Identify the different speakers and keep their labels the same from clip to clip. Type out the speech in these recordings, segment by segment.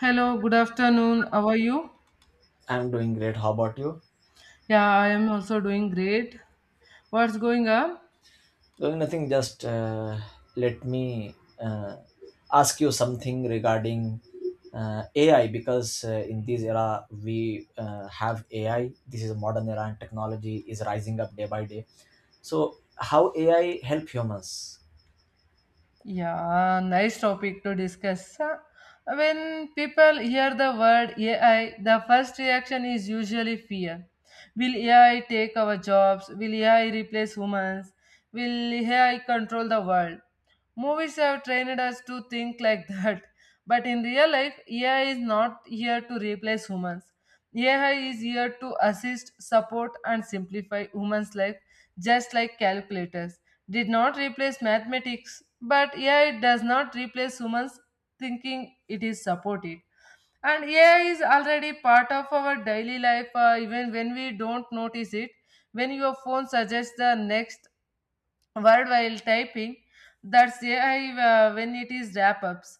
Speaker 1: Hello, good afternoon. How are you?
Speaker 2: I'm doing great. How about you?
Speaker 1: Yeah, I am also doing great. What's going on?
Speaker 2: Doing nothing. Just let me uh, ask you something regarding AI because in this era we have AI. This is a modern era and technology is rising up day by day. So, how AI help humans?
Speaker 1: Yeah, nice topic to discuss. When people hear the word AI, the first reaction is usually fear. Will AI take our jobs? Will AI replace humans? Will AI control the world? Movies have trained us to think like that. But in real life, AI is not here to replace humans. AI is here to assist, support, and simplify humans' life just like calculators did not replace mathematics, but AI does not replace humans thinking it is supported. And AI is already part of our daily life, even when we don't notice it. When your phone suggests the next word while typing, that's ai when it is wrap ups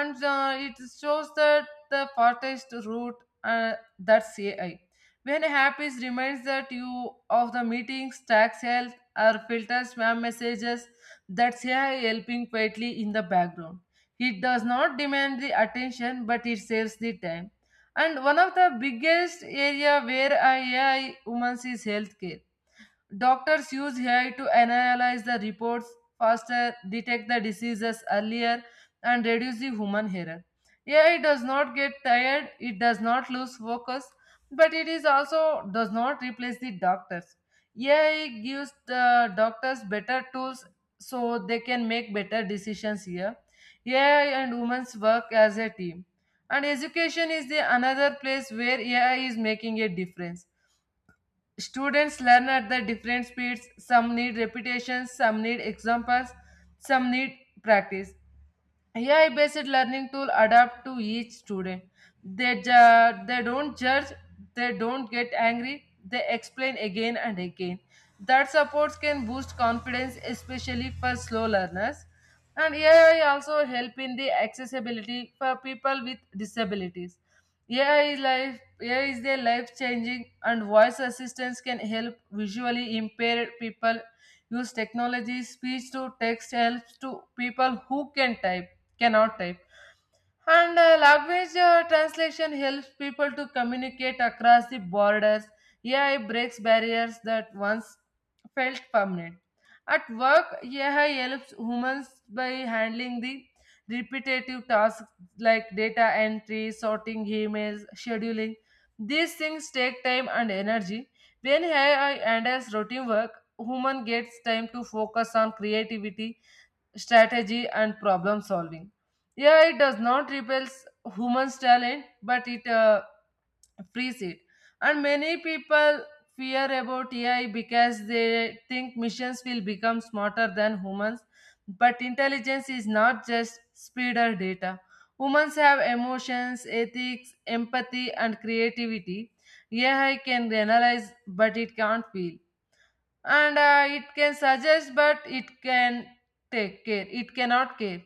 Speaker 1: and it shows that the fastest route, uh, that's ai, when app is reminds that you of the meetings tax health or filter spam messages, that's ai helping quietly in the background. It does not demand the attention but it saves the time. And one of the biggest area where ai humans is healthcare. Doctors use AI to analyze the reports faster, detect the diseases earlier, and reduce the human error. AI does not get tired, it does not lose focus, but it is also does not replace the doctors. AI gives the doctors better tools so they can make better decisions here. AI and humans work as a team. And education is the another place where AI is making a difference. Students learn at the different speeds. Some need repetitions, some need examples, some need practice. AI based learning tool adapt to each student. They don't judge, they don't get angry, they explain again and again. That supports can boost confidence, especially for slow learners. And AI also help in the accessibility for people with disabilities. AI is life, AI is their life changing, and voice assistance can help visually impaired people use technology. Speech to text helps to people who cannot type, and language translation helps people to communicate across the borders. AI breaks barriers that once felt permanent. At work, ai helps humans by handling the repetitive tasks like data entry, sorting emails, scheduling. These things take time and energy. When ai handles routine work, human gets time to focus on creativity, strategy, and problem solving. AI does not replace humans' talent, but it frees it. And many people fear about AI because they think machines will become smarter than humans. But intelligence is not just speed or data. Humans have emotions, ethics, empathy, and creativity. AI can analyze, but it can't feel, and it can suggest but it can take care it cannot care.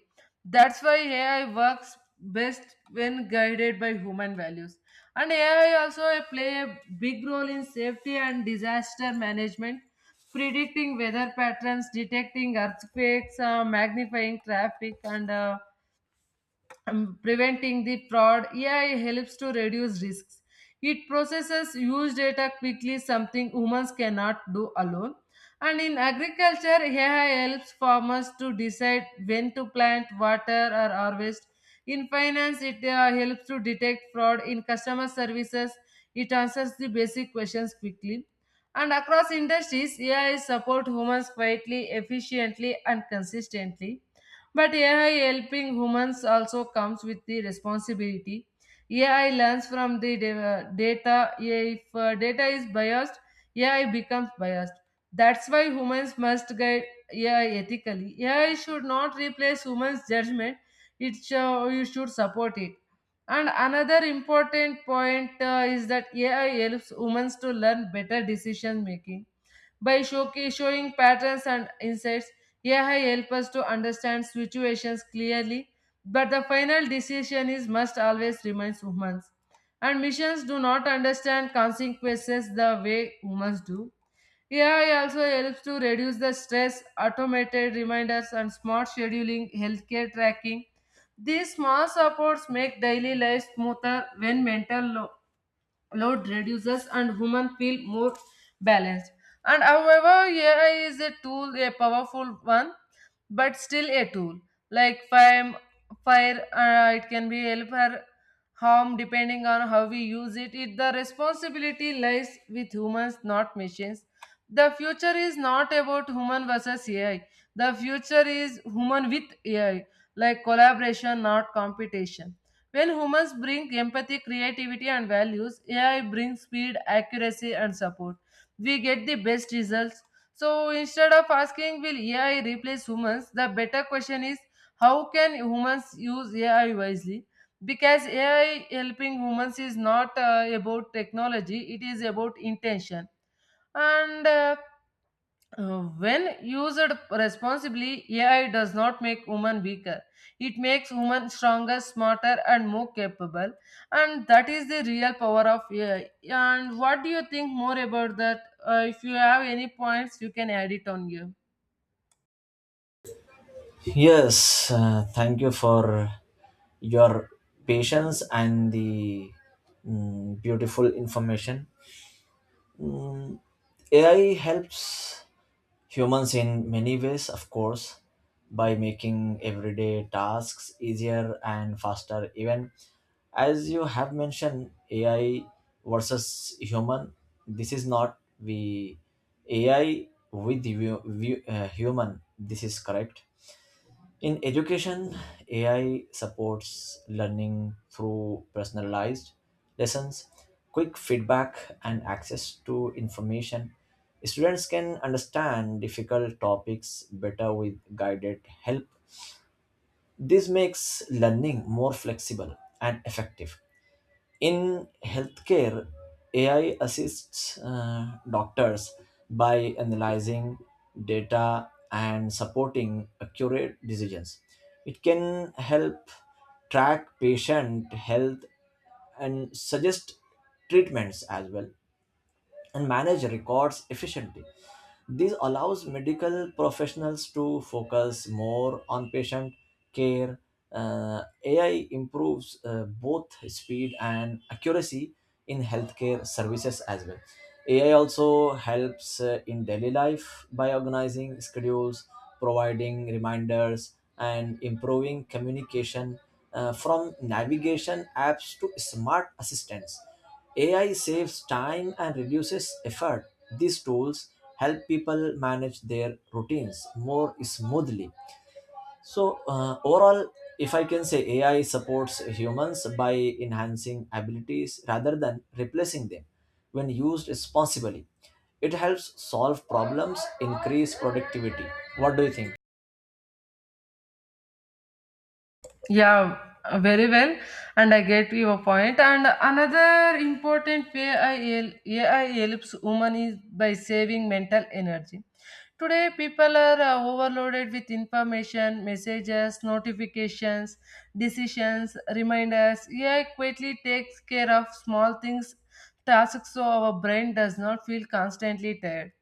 Speaker 1: That's why ai works best when guided by human values. And ai also play a big role in safety and disaster management, predicting weather patterns, detecting earthquakes, magnifying traffic, and preventing the fraud. AI helps to reduce risks. It processes huge data quickly, something humans cannot do alone. And in agriculture, AI helps farmers to decide when to plant, water, or harvest. In finance, it helps to detect fraud. In customer services, it answers the basic questions quickly. And across industries, AI support humans quietly, efficiently, and consistently. But AI helping humans also comes with the responsibility. AI learns from the data. If data is biased, AI becomes biased. That's why humans must guide AI ethically. AI should not replace humans' judgment. It show, you should support it. And another important point is that AI helps humans to learn better decision making by showing patterns and insights, AI helps us to understand situations clearly, but the final decision is must always remain humans. And machines do not understand consequences the way humans do. AI also helps to reduce the stress, automated reminders, and smart scheduling, healthcare tracking. These small supports make daily life smoother when mental load reduces and humans feel more balanced. And however, AI is a tool, a powerful one, but still a tool. Like fire, fire it can be help or harm depending on how we use it. The responsibility lies with humans, not machines. The future is not about human versus AI. The future is human with AI, like collaboration, not competition. When humans bring empathy, creativity, and values, AI brings speed, accuracy, and support. We get the best results. So instead of asking, will AI replace humans, the better question is, how can humans use AI wisely? Because AI helping humans is not about technology, it is about intention. And when used responsibly, AI does not make women weaker. It makes women stronger, smarter, and more capable. And that is the real power of AI. And what do you think more about that? If you have any points, you can add it on you.
Speaker 2: Yes. Thank you for your patience and the beautiful information. Mm, AI helps humans in many ways, of course, by making everyday tasks easier and faster. Even as you have mentioned, AI versus human, this is not the AI with the human. This is correct. In education, AI supports learning through personalized lessons, quick feedback, and access to information. Students can understand difficult topics better with guided help. This makes learning more flexible and effective. In healthcare, AI assists doctors by analyzing data and supporting accurate decisions. It can help track patient health and suggest treatments as well and manage records efficiently. This allows medical professionals to focus more on patient care. AI improves both speed and accuracy in healthcare services as well. AI also helps in daily life by organizing schedules, providing reminders, and improving communication from navigation apps to smart assistants. AI saves time and reduces effort. These tools help people manage their routines more smoothly, so overall, if I can say, ai supports humans by enhancing abilities rather than replacing them. When used responsibly, it helps solve problems, increase productivity. What do you think?
Speaker 1: Yeah, very well, and I get your point. And another important way AI helps women is by saving mental energy. Today, people are overloaded with information, messages, notifications, decisions, reminders. AI quickly takes care of small things tasks so our brain does not feel constantly tired.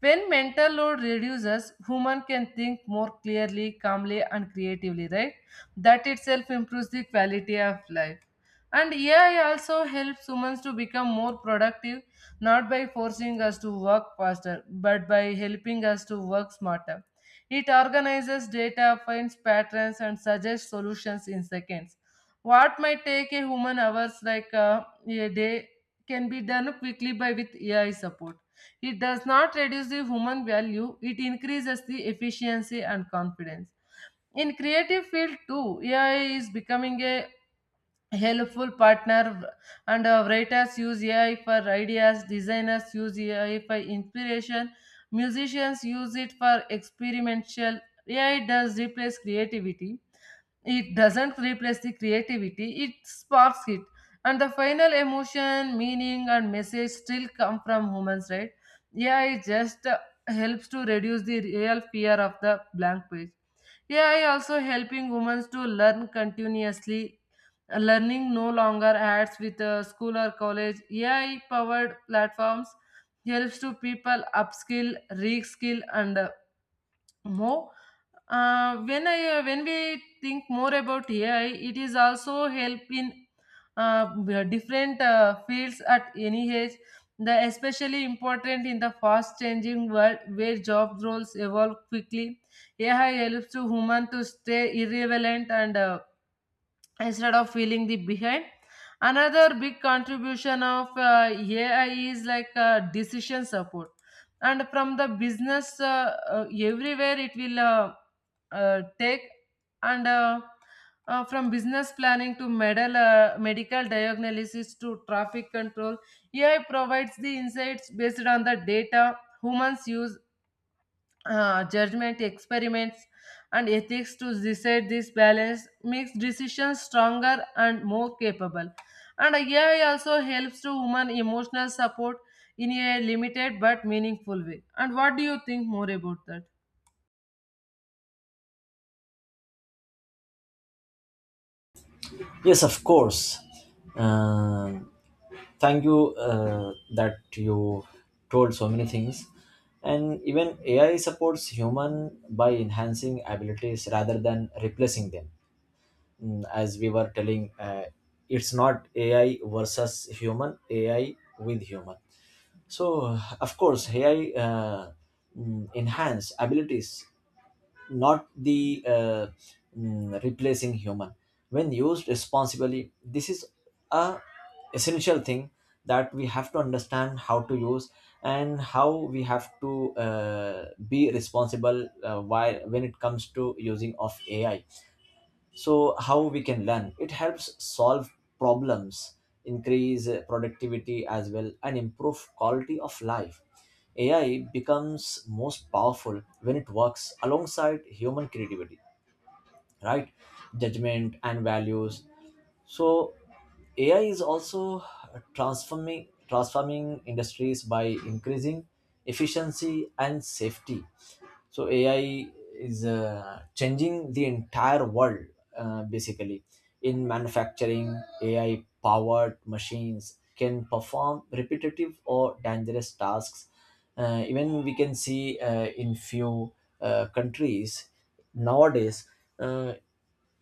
Speaker 1: When mental load reduces, human can think more clearly, calmly, and creatively, right? That itself improves the quality of life. And AI also helps humans to become more productive, not by forcing us to work faster, but by helping us to work smarter. It organizes data, finds patterns, and suggests solutions in seconds. What might take a human hours like a day can be done quickly by with AI support. It does not reduce the human value, it increases the efficiency and confidence. In creative field too, AI is becoming a helpful partner, and writers use AI for ideas, designers use AI for inspiration, musicians use it for experimental. AI does replace creativity, It doesn't replace the creativity, it sparks it. And the final emotion, meaning, and message still come from humans, right? Yeah, it just helps to reduce the real fear of the blank page. AI also helping humans to learn continuously. Learning no longer adds with school or college. AI powered platforms helps to people upskill, reskill, and more when I when we think more about ai it is also help in uh, different fields at any age, the especially important in the fast changing world where job roles evolve quickly. AI helps to human to stay irrelevant, and instead of feeling the behind, another big contribution of ai is like decision support. And from the business everywhere it will take and from business planning to medical diagnosis to traffic control, ai provides the insights based on the data. Humans use judgment, experiments, and ethics to decide. This balance makes decisions stronger and more capable. And ai also helps to women emotional support in a limited but meaningful way. And what do you think more about that?
Speaker 2: Yes, of course. Um, Thank you that you told so many things, and even ai supports human by enhancing abilities rather than replacing them. As we were telling, it's not ai versus human, ai with human. So of course ai uh, enhance abilities, not the replacing human. When used responsibly, this is a essential thing that we have to understand how to use, and how we have to be responsible while when it comes to using of ai. So how we can learn, it helps solve problems, increase productivity as well, and improve quality of life. Ai becomes most powerful when it works alongside human creativity, right, judgment and values. So AI is also transforming industries by increasing efficiency and safety. So AI is changing the entire world basically. In manufacturing, AI powered machines can perform repetitive or dangerous tasks. Even we can see in few countries nowadays. Uh,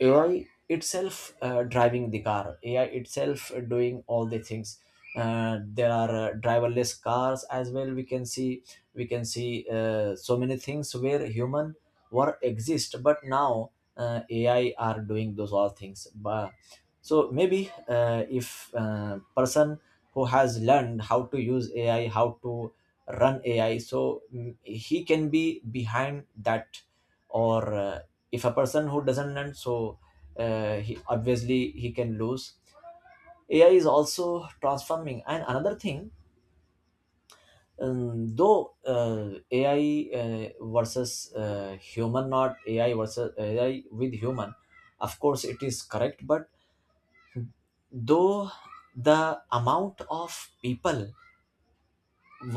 Speaker 2: AI itself driving the car, AI itself doing all the things. There are driverless cars as well. We can see so many things where human were exist, but now AI are doing those all things. But, so maybe if person who has learned how to use AI, how to run AI, so he can be behind that or. If a person who doesn't learn, so he obviously he can lose. Ai is also transforming. And another thing, though ai uh, versus human, not ai versus ai with human, of course it is correct. But though the amount of people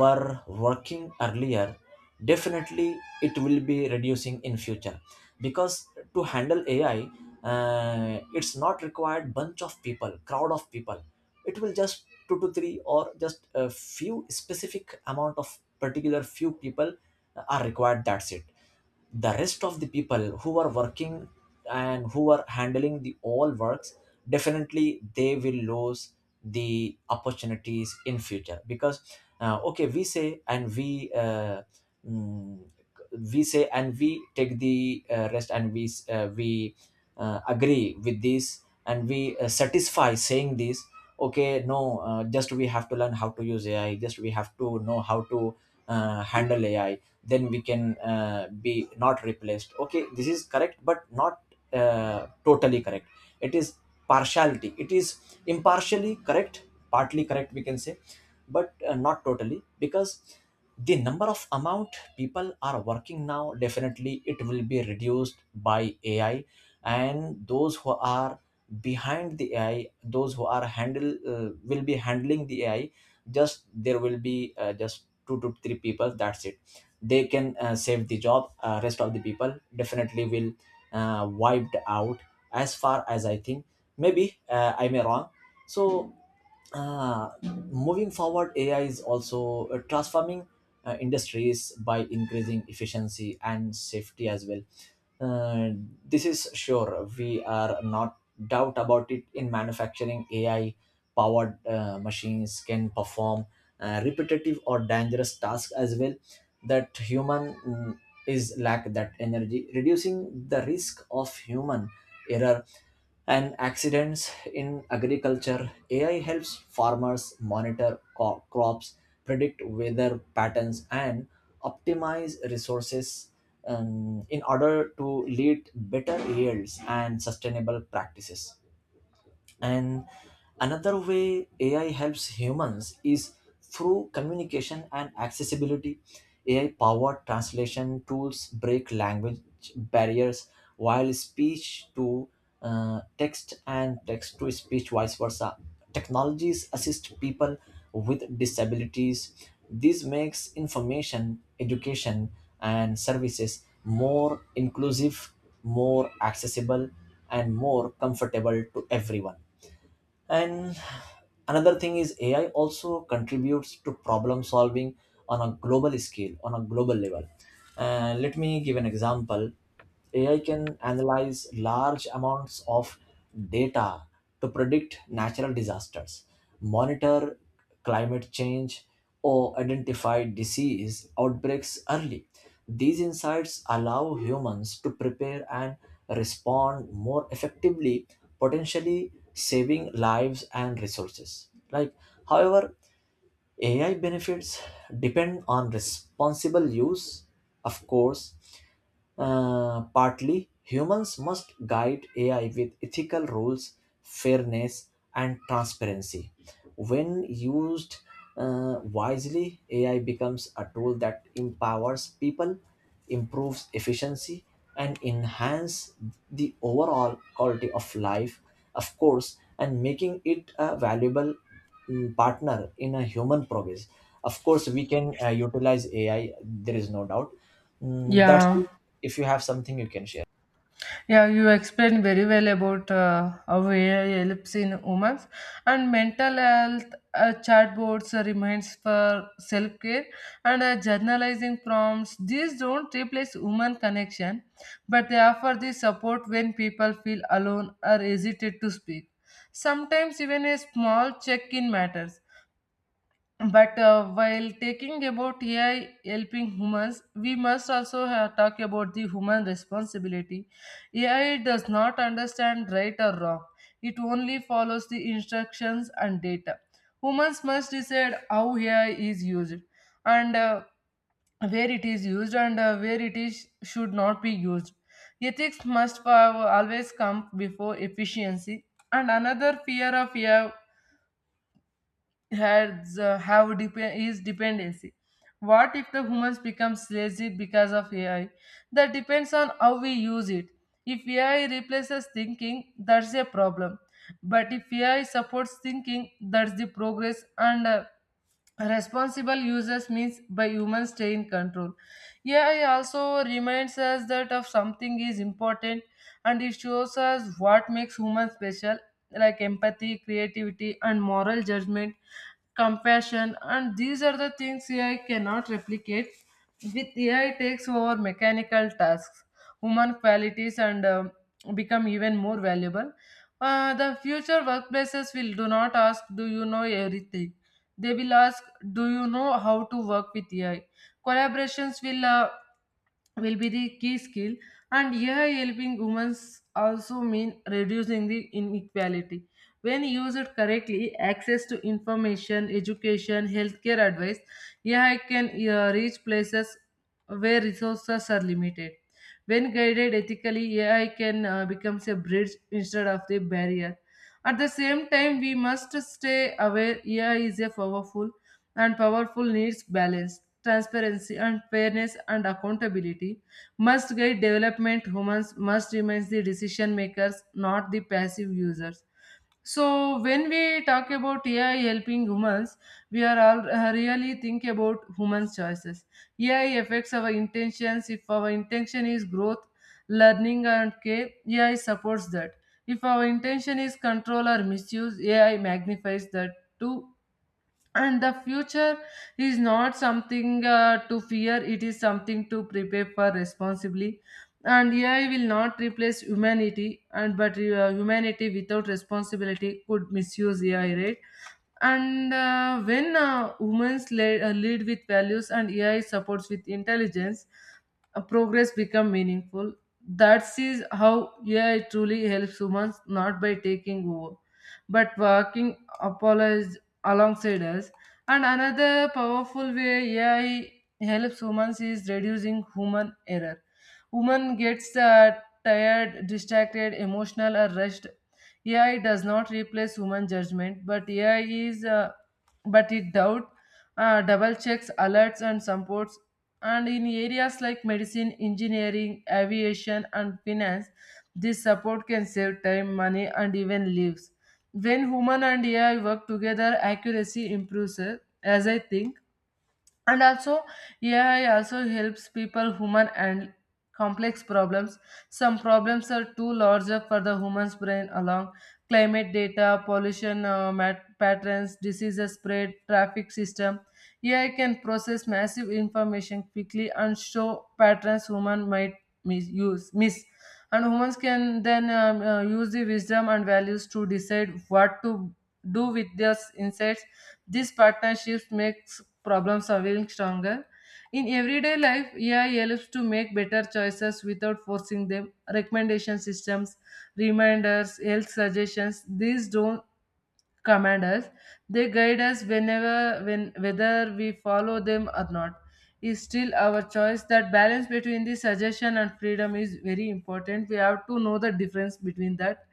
Speaker 2: were working earlier, definitely it will be reducing in future, because to handle ai, it's not required bunch of people, crowd of people. It will just two to three, or just a few specific amount of particular few people are required, that's it. The rest of the people who are working and who are handling the all works, definitely they will lose the opportunities in future, because okay, we say and we mm, we say and we take the rest, and we agree with this, and we satisfy saying this. Okay, no, just we have to learn how to use ai, just we have to know how to handle ai, then we can be not replaced. Okay, this is correct, but not totally correct. It is partiality, it is impartially correct, partly correct we can say, but not totally, because the number of amount people are working now, definitely it will be reduced by ai, and those who are behind the ai, those who are handle, will be handling the ai, just there will be just two to three people, that's it. They can save the job, rest of the people definitely will wiped out, as far as I think. Maybe I may wrong. So uh, moving forward, AI is also transforming industries by increasing efficiency and safety as well. Uh, this is sure, we are not doubt about it. In manufacturing, AI powered machines can perform repetitive or dangerous tasks as well, that human is lack that energy, reducing the risk of human error and accidents. In agriculture, AI helps farmers monitor crops, predict weather patterns, and optimize resources in order to lead better yields and sustainable practices. And another way AI helps humans is through communication and accessibility. AI powered translation tools break language barriers, while speech to text and text to speech vice versa. Technologies assist people with disabilities. This makes information, education, and services more inclusive, more accessible, and more comfortable to everyone. And another thing is, ai also contributes to problem solving on a global scale, on a global level. Let me give an example. Ai can analyze large amounts of data to predict natural disasters, monitor climate change, or identify disease outbreaks early. These insights allow humans to prepare and respond more effectively, potentially saving lives and resources. Like, however, AI benefits depend on responsible use, of course, partly, humans must guide AI with ethical rules, fairness, and transparency. When used wisely, AI becomes a tool that empowers people, improves efficiency, and enhances the overall quality of life, of course, and making it a valuable partner in a human progress. Of course, we can utilize AI. There is no doubt. That's.
Speaker 1: Yeah.
Speaker 2: If you have something you can share.
Speaker 1: Yeah, you explained very well about how AI helps in humans and mental health. Chatbots remains for self-care, and journalizing prompts. These don't replace human connection, but they offer the support when people feel alone or hesitate to speak. Sometimes even a small check-in matters. But while taking about AI helping humans, we must also have talk about the human responsibility. AI does not understand right or wrong. It only follows the instructions and data. Humans must decide how AI is used and where it is used, and where it is should not be used. Ethics must always come before efficiency. And another fear of AI is dependency. What if the humans becomes lazy because of AI? That depends on how we use it. If AI replaces thinking, that's a problem. But if AI supports thinking, that's the progress, and responsible users means by humans stay in control. AI also reminds us that of something is important, and it shows us what makes humans special, like empathy, creativity, and moral judgment, compassion. And these are the things ai cannot replicate. With ai takes over mechanical tasks, human qualities and become even more valuable. The future workplaces will do not ask do you know everything, they will ask, "Do you know how to work with AI?" Collaborations will be the key skill, and AI helping humans also mean reducing the inequality. When used correctly, access to information, education, healthcare advice, AI can reach places where resources are limited. When guided ethically, AI can becomes a bridge instead of the barrier. At the same time, we must stay aware AI is a powerful and powerful needs balance, transparency and fairness and accountability must guide development. Humans must remain the decision makers, not the passive users. So when we talk about AI helping humans, we are all really think about humans' choices. AI affects our intentions. If our intention is growth, learning, and care, AI supports that. If our intention is control or misuse, AI magnifies that too. And the future is not something to fear, it is something to prepare for responsibly. And AI will not replace humanity, and but humanity without responsibility could misuse AI, right? And when women lead, lead with values, and AI supports with intelligence, progress become meaningful. That is how AI truly helps humans, not by taking over but working apologize alongside us. And another powerful way AI helps humans is reducing human error. Woman gets tired, distracted, emotional, or rushed. AI does not replace human judgment, but AI is, uh, but it doubt uh, double checks, alerts, and supports. And in areas like medicine, engineering, aviation, and finance, this support can save time, money, and even lives. When human and AI work together, accuracy improves, as I think. And also AI also helps people, human, and complex problems. Some problems are too larger for the human's brain along: climate data, pollution, patterns, diseases spread, traffic system. AI can process massive information quickly and show patterns human might misuse miss. And humans can then use the wisdom and values to decide what to do with those insights. These partnerships makes problem solving stronger. In everyday life, AI helps to make better choices without forcing them. Recommendation systems, reminders, health suggestions, these don't command us. They guide us whenever when whether we follow them or not. Is still our choice. That balance between the suggestion and freedom is very important. We have to know the difference between that.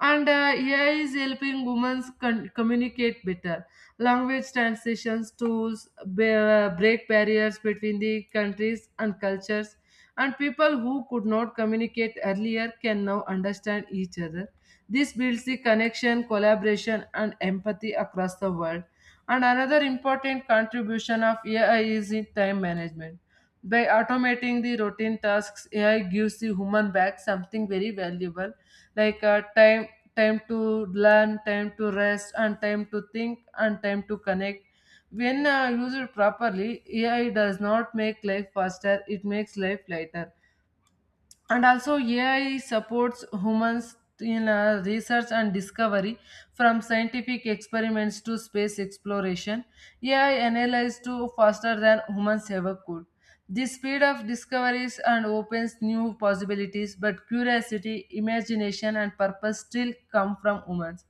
Speaker 1: And AI is helping women communicate better. Language translations tools break barriers between the countries and cultures, and people who could not communicate earlier can now understand each other. This builds the connection, collaboration, and empathy across the world. And another important contribution of AI is in time management. By automating the routine tasks, AI gives the human back something very valuable like time. Time to learn, time to rest, and time to think, and time to connect. When used properly, AI does not make life faster, it makes life lighter. And also AI supports humans in research and discovery. From scientific experiments to space exploration, AI analyzes to faster than humans ever could, the speed of discoveries, and opens new possibilities. But curiosity, imagination, and purpose still come from humans.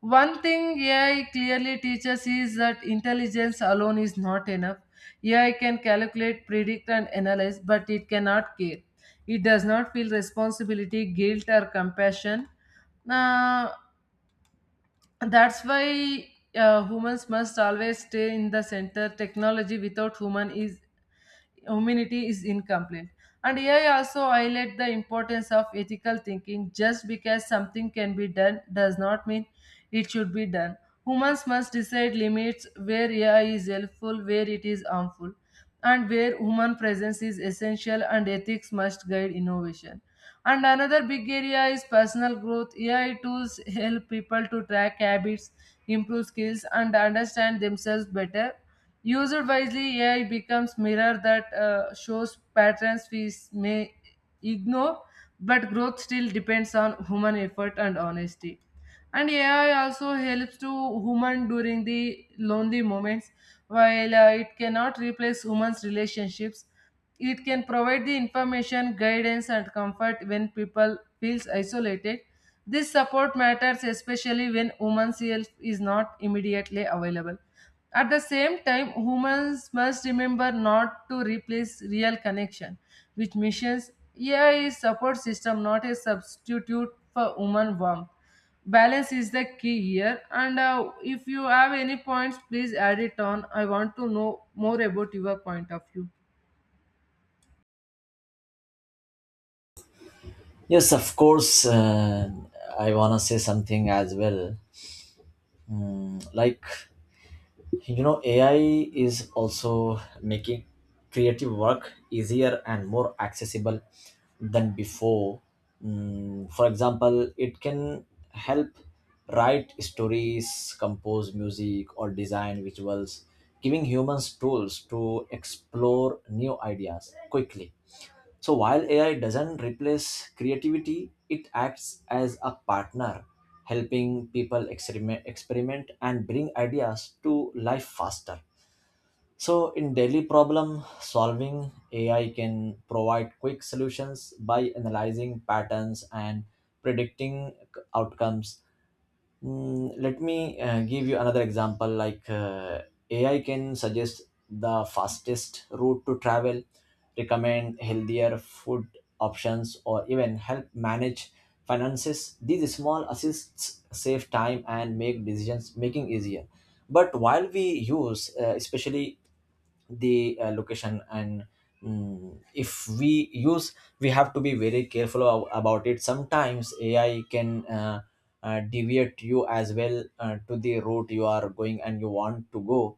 Speaker 1: One thing AI clearly teaches is that intelligence alone is not enough. AI can calculate, predict, and analyze, but it cannot care. It does not feel responsibility, guilt, or compassion. Uh, that's why humans must always stay in the center. Technology without human is Humanity is incomplete. And AI also highlight the importance of ethical thinking. Just because something can be done does not mean it should be done. Humans must decide limits where AI is helpful, where it is harmful, and where human presence is essential, and ethics must guide innovation. And another big area is personal growth. AI tools help people to track habits, improve skills, and understand themselves better. User wisely, AI becomes mirror that shows patterns we may ignore, but growth still depends on human effort and honesty. And AI also helps to human during the lonely moments, while it cannot replace humans' relationships. It can provide the information, guidance, and comfort when people feels isolated. This support matters especially when women's help is not immediately available. At the same time, humans must remember not to replace real connection with missions. AI is support system, not a substitute for human warmth. Balance is the key here. And if you have any points, please add it on. I want to know more about your point of view.
Speaker 2: Yes, of course. I wanna say something as well. Like, AI is also making creative work easier and more accessible than before. For example, it can help write stories, compose music, or design visuals, giving humans tools to explore new ideas quickly. So while AI doesn't replace creativity, it acts as a partner, helping people experiment, and bring ideas to life faster. So in daily problem solving, AI can provide quick solutions by analyzing patterns and predicting outcomes. Let me give you another example, like AI can suggest the fastest route to travel, recommend healthier food options, or even help manage finances. These small assists save time and make decisions making easier. But while we use, especially the location, and if we use, we have to be very careful about it. Sometimes ai can deviate you as well to the route you are going and you want to go.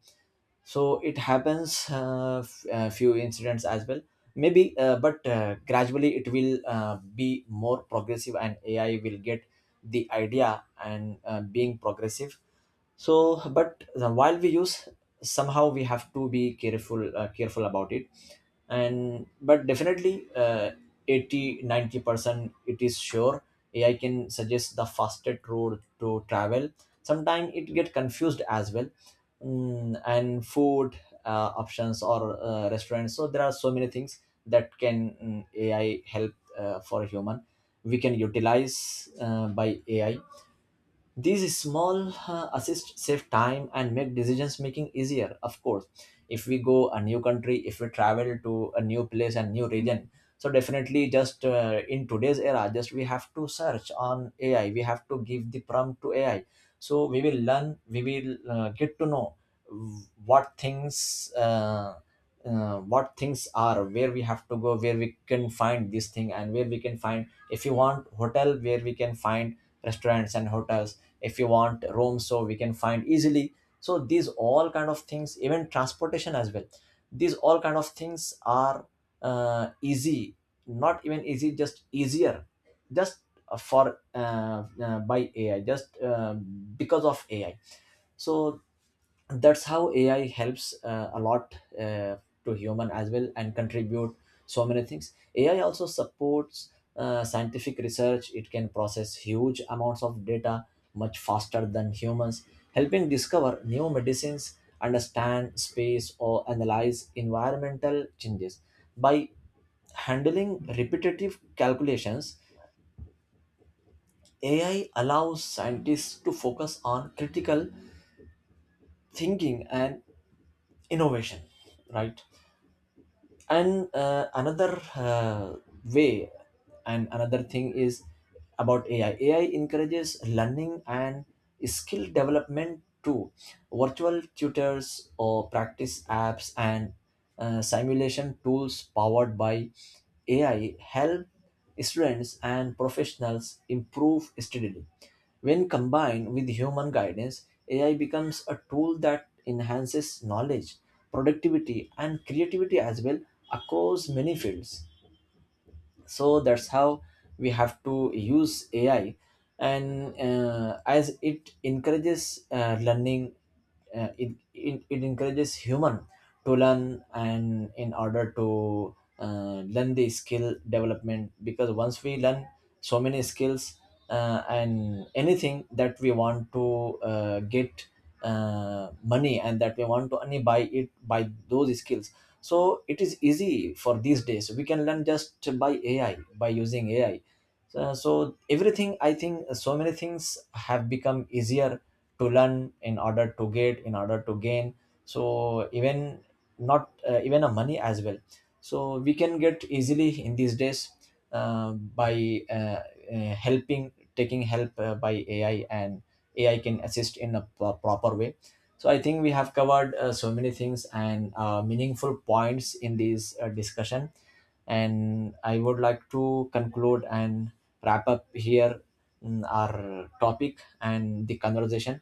Speaker 2: So it happens, few incidents as well maybe, but gradually it will be more progressive and ai will get the idea and being progressive. So, but while we use, somehow we have to be careful, careful about it. And but definitely, 80, 90% it is sure, ai can suggest the fastest road to travel, sometimes it get confused as well. And food options, or restaurants. So there are so many things that can ai help for a human, we can utilize by ai. These small assists save time and make decisions making easier. Of course, if we go a new country, if we travel to a new place and new region, so definitely just in today's era, just we have to search on AI. We have to give the prompt to AI. So we will learn. We will get to know what things. What things are, where we have to go, where we can find this thing, and where we can find, if you want hotel, where we can find restaurants and hotels, if you want rooms, so we can find easily. So these all kind of things, even transportation as well, these all kind of things are easy, not even easy, just easier, just for by ai, just because of ai. So that's how AI helps a lot to human as well and contribute so many things. AI also supports scientific research. It can process huge amounts of data much faster than humans, helping discover new medicines, understand space, or analyze environmental changes. By handling repetitive calculations, AI allows scientists to focus on critical thinking and innovation, right? And another way, and another thing is about ai. Ai encourages learning and skill development too. Virtual tutors or practice apps and simulation tools powered by ai help students and professionals improve steadily. When combined with human guidance, AI becomes a tool that enhances knowledge, productivity, and creativity as well, across many fields. So that's how we have to use ai. And as it encourages learning, it encourages human to learn, and in order to learn the skill development, because once we learn so many skills, and anything that we want to get money, and that we want to only buy it by those skills, so it is easy. For these days we can learn just by ai, by using ai. So, everything I think, so many things have become easier to learn, in order to get, in order to gain. So even not even a money as well, so we can get easily in these days, by helping taking help by ai. And ai can assist in a proper way. So I think we have covered so many things and meaningful points in this discussion. And I would like to conclude and wrap up here our topic and the conversation.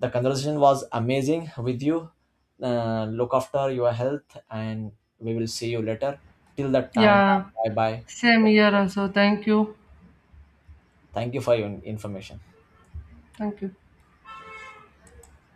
Speaker 2: The conversation was amazing with you. Look after your health, and we will see you later. Till that time,
Speaker 1: Yeah,
Speaker 2: bye bye.
Speaker 1: same here also. Thank you.
Speaker 2: Thank you for your information.
Speaker 1: Thank you.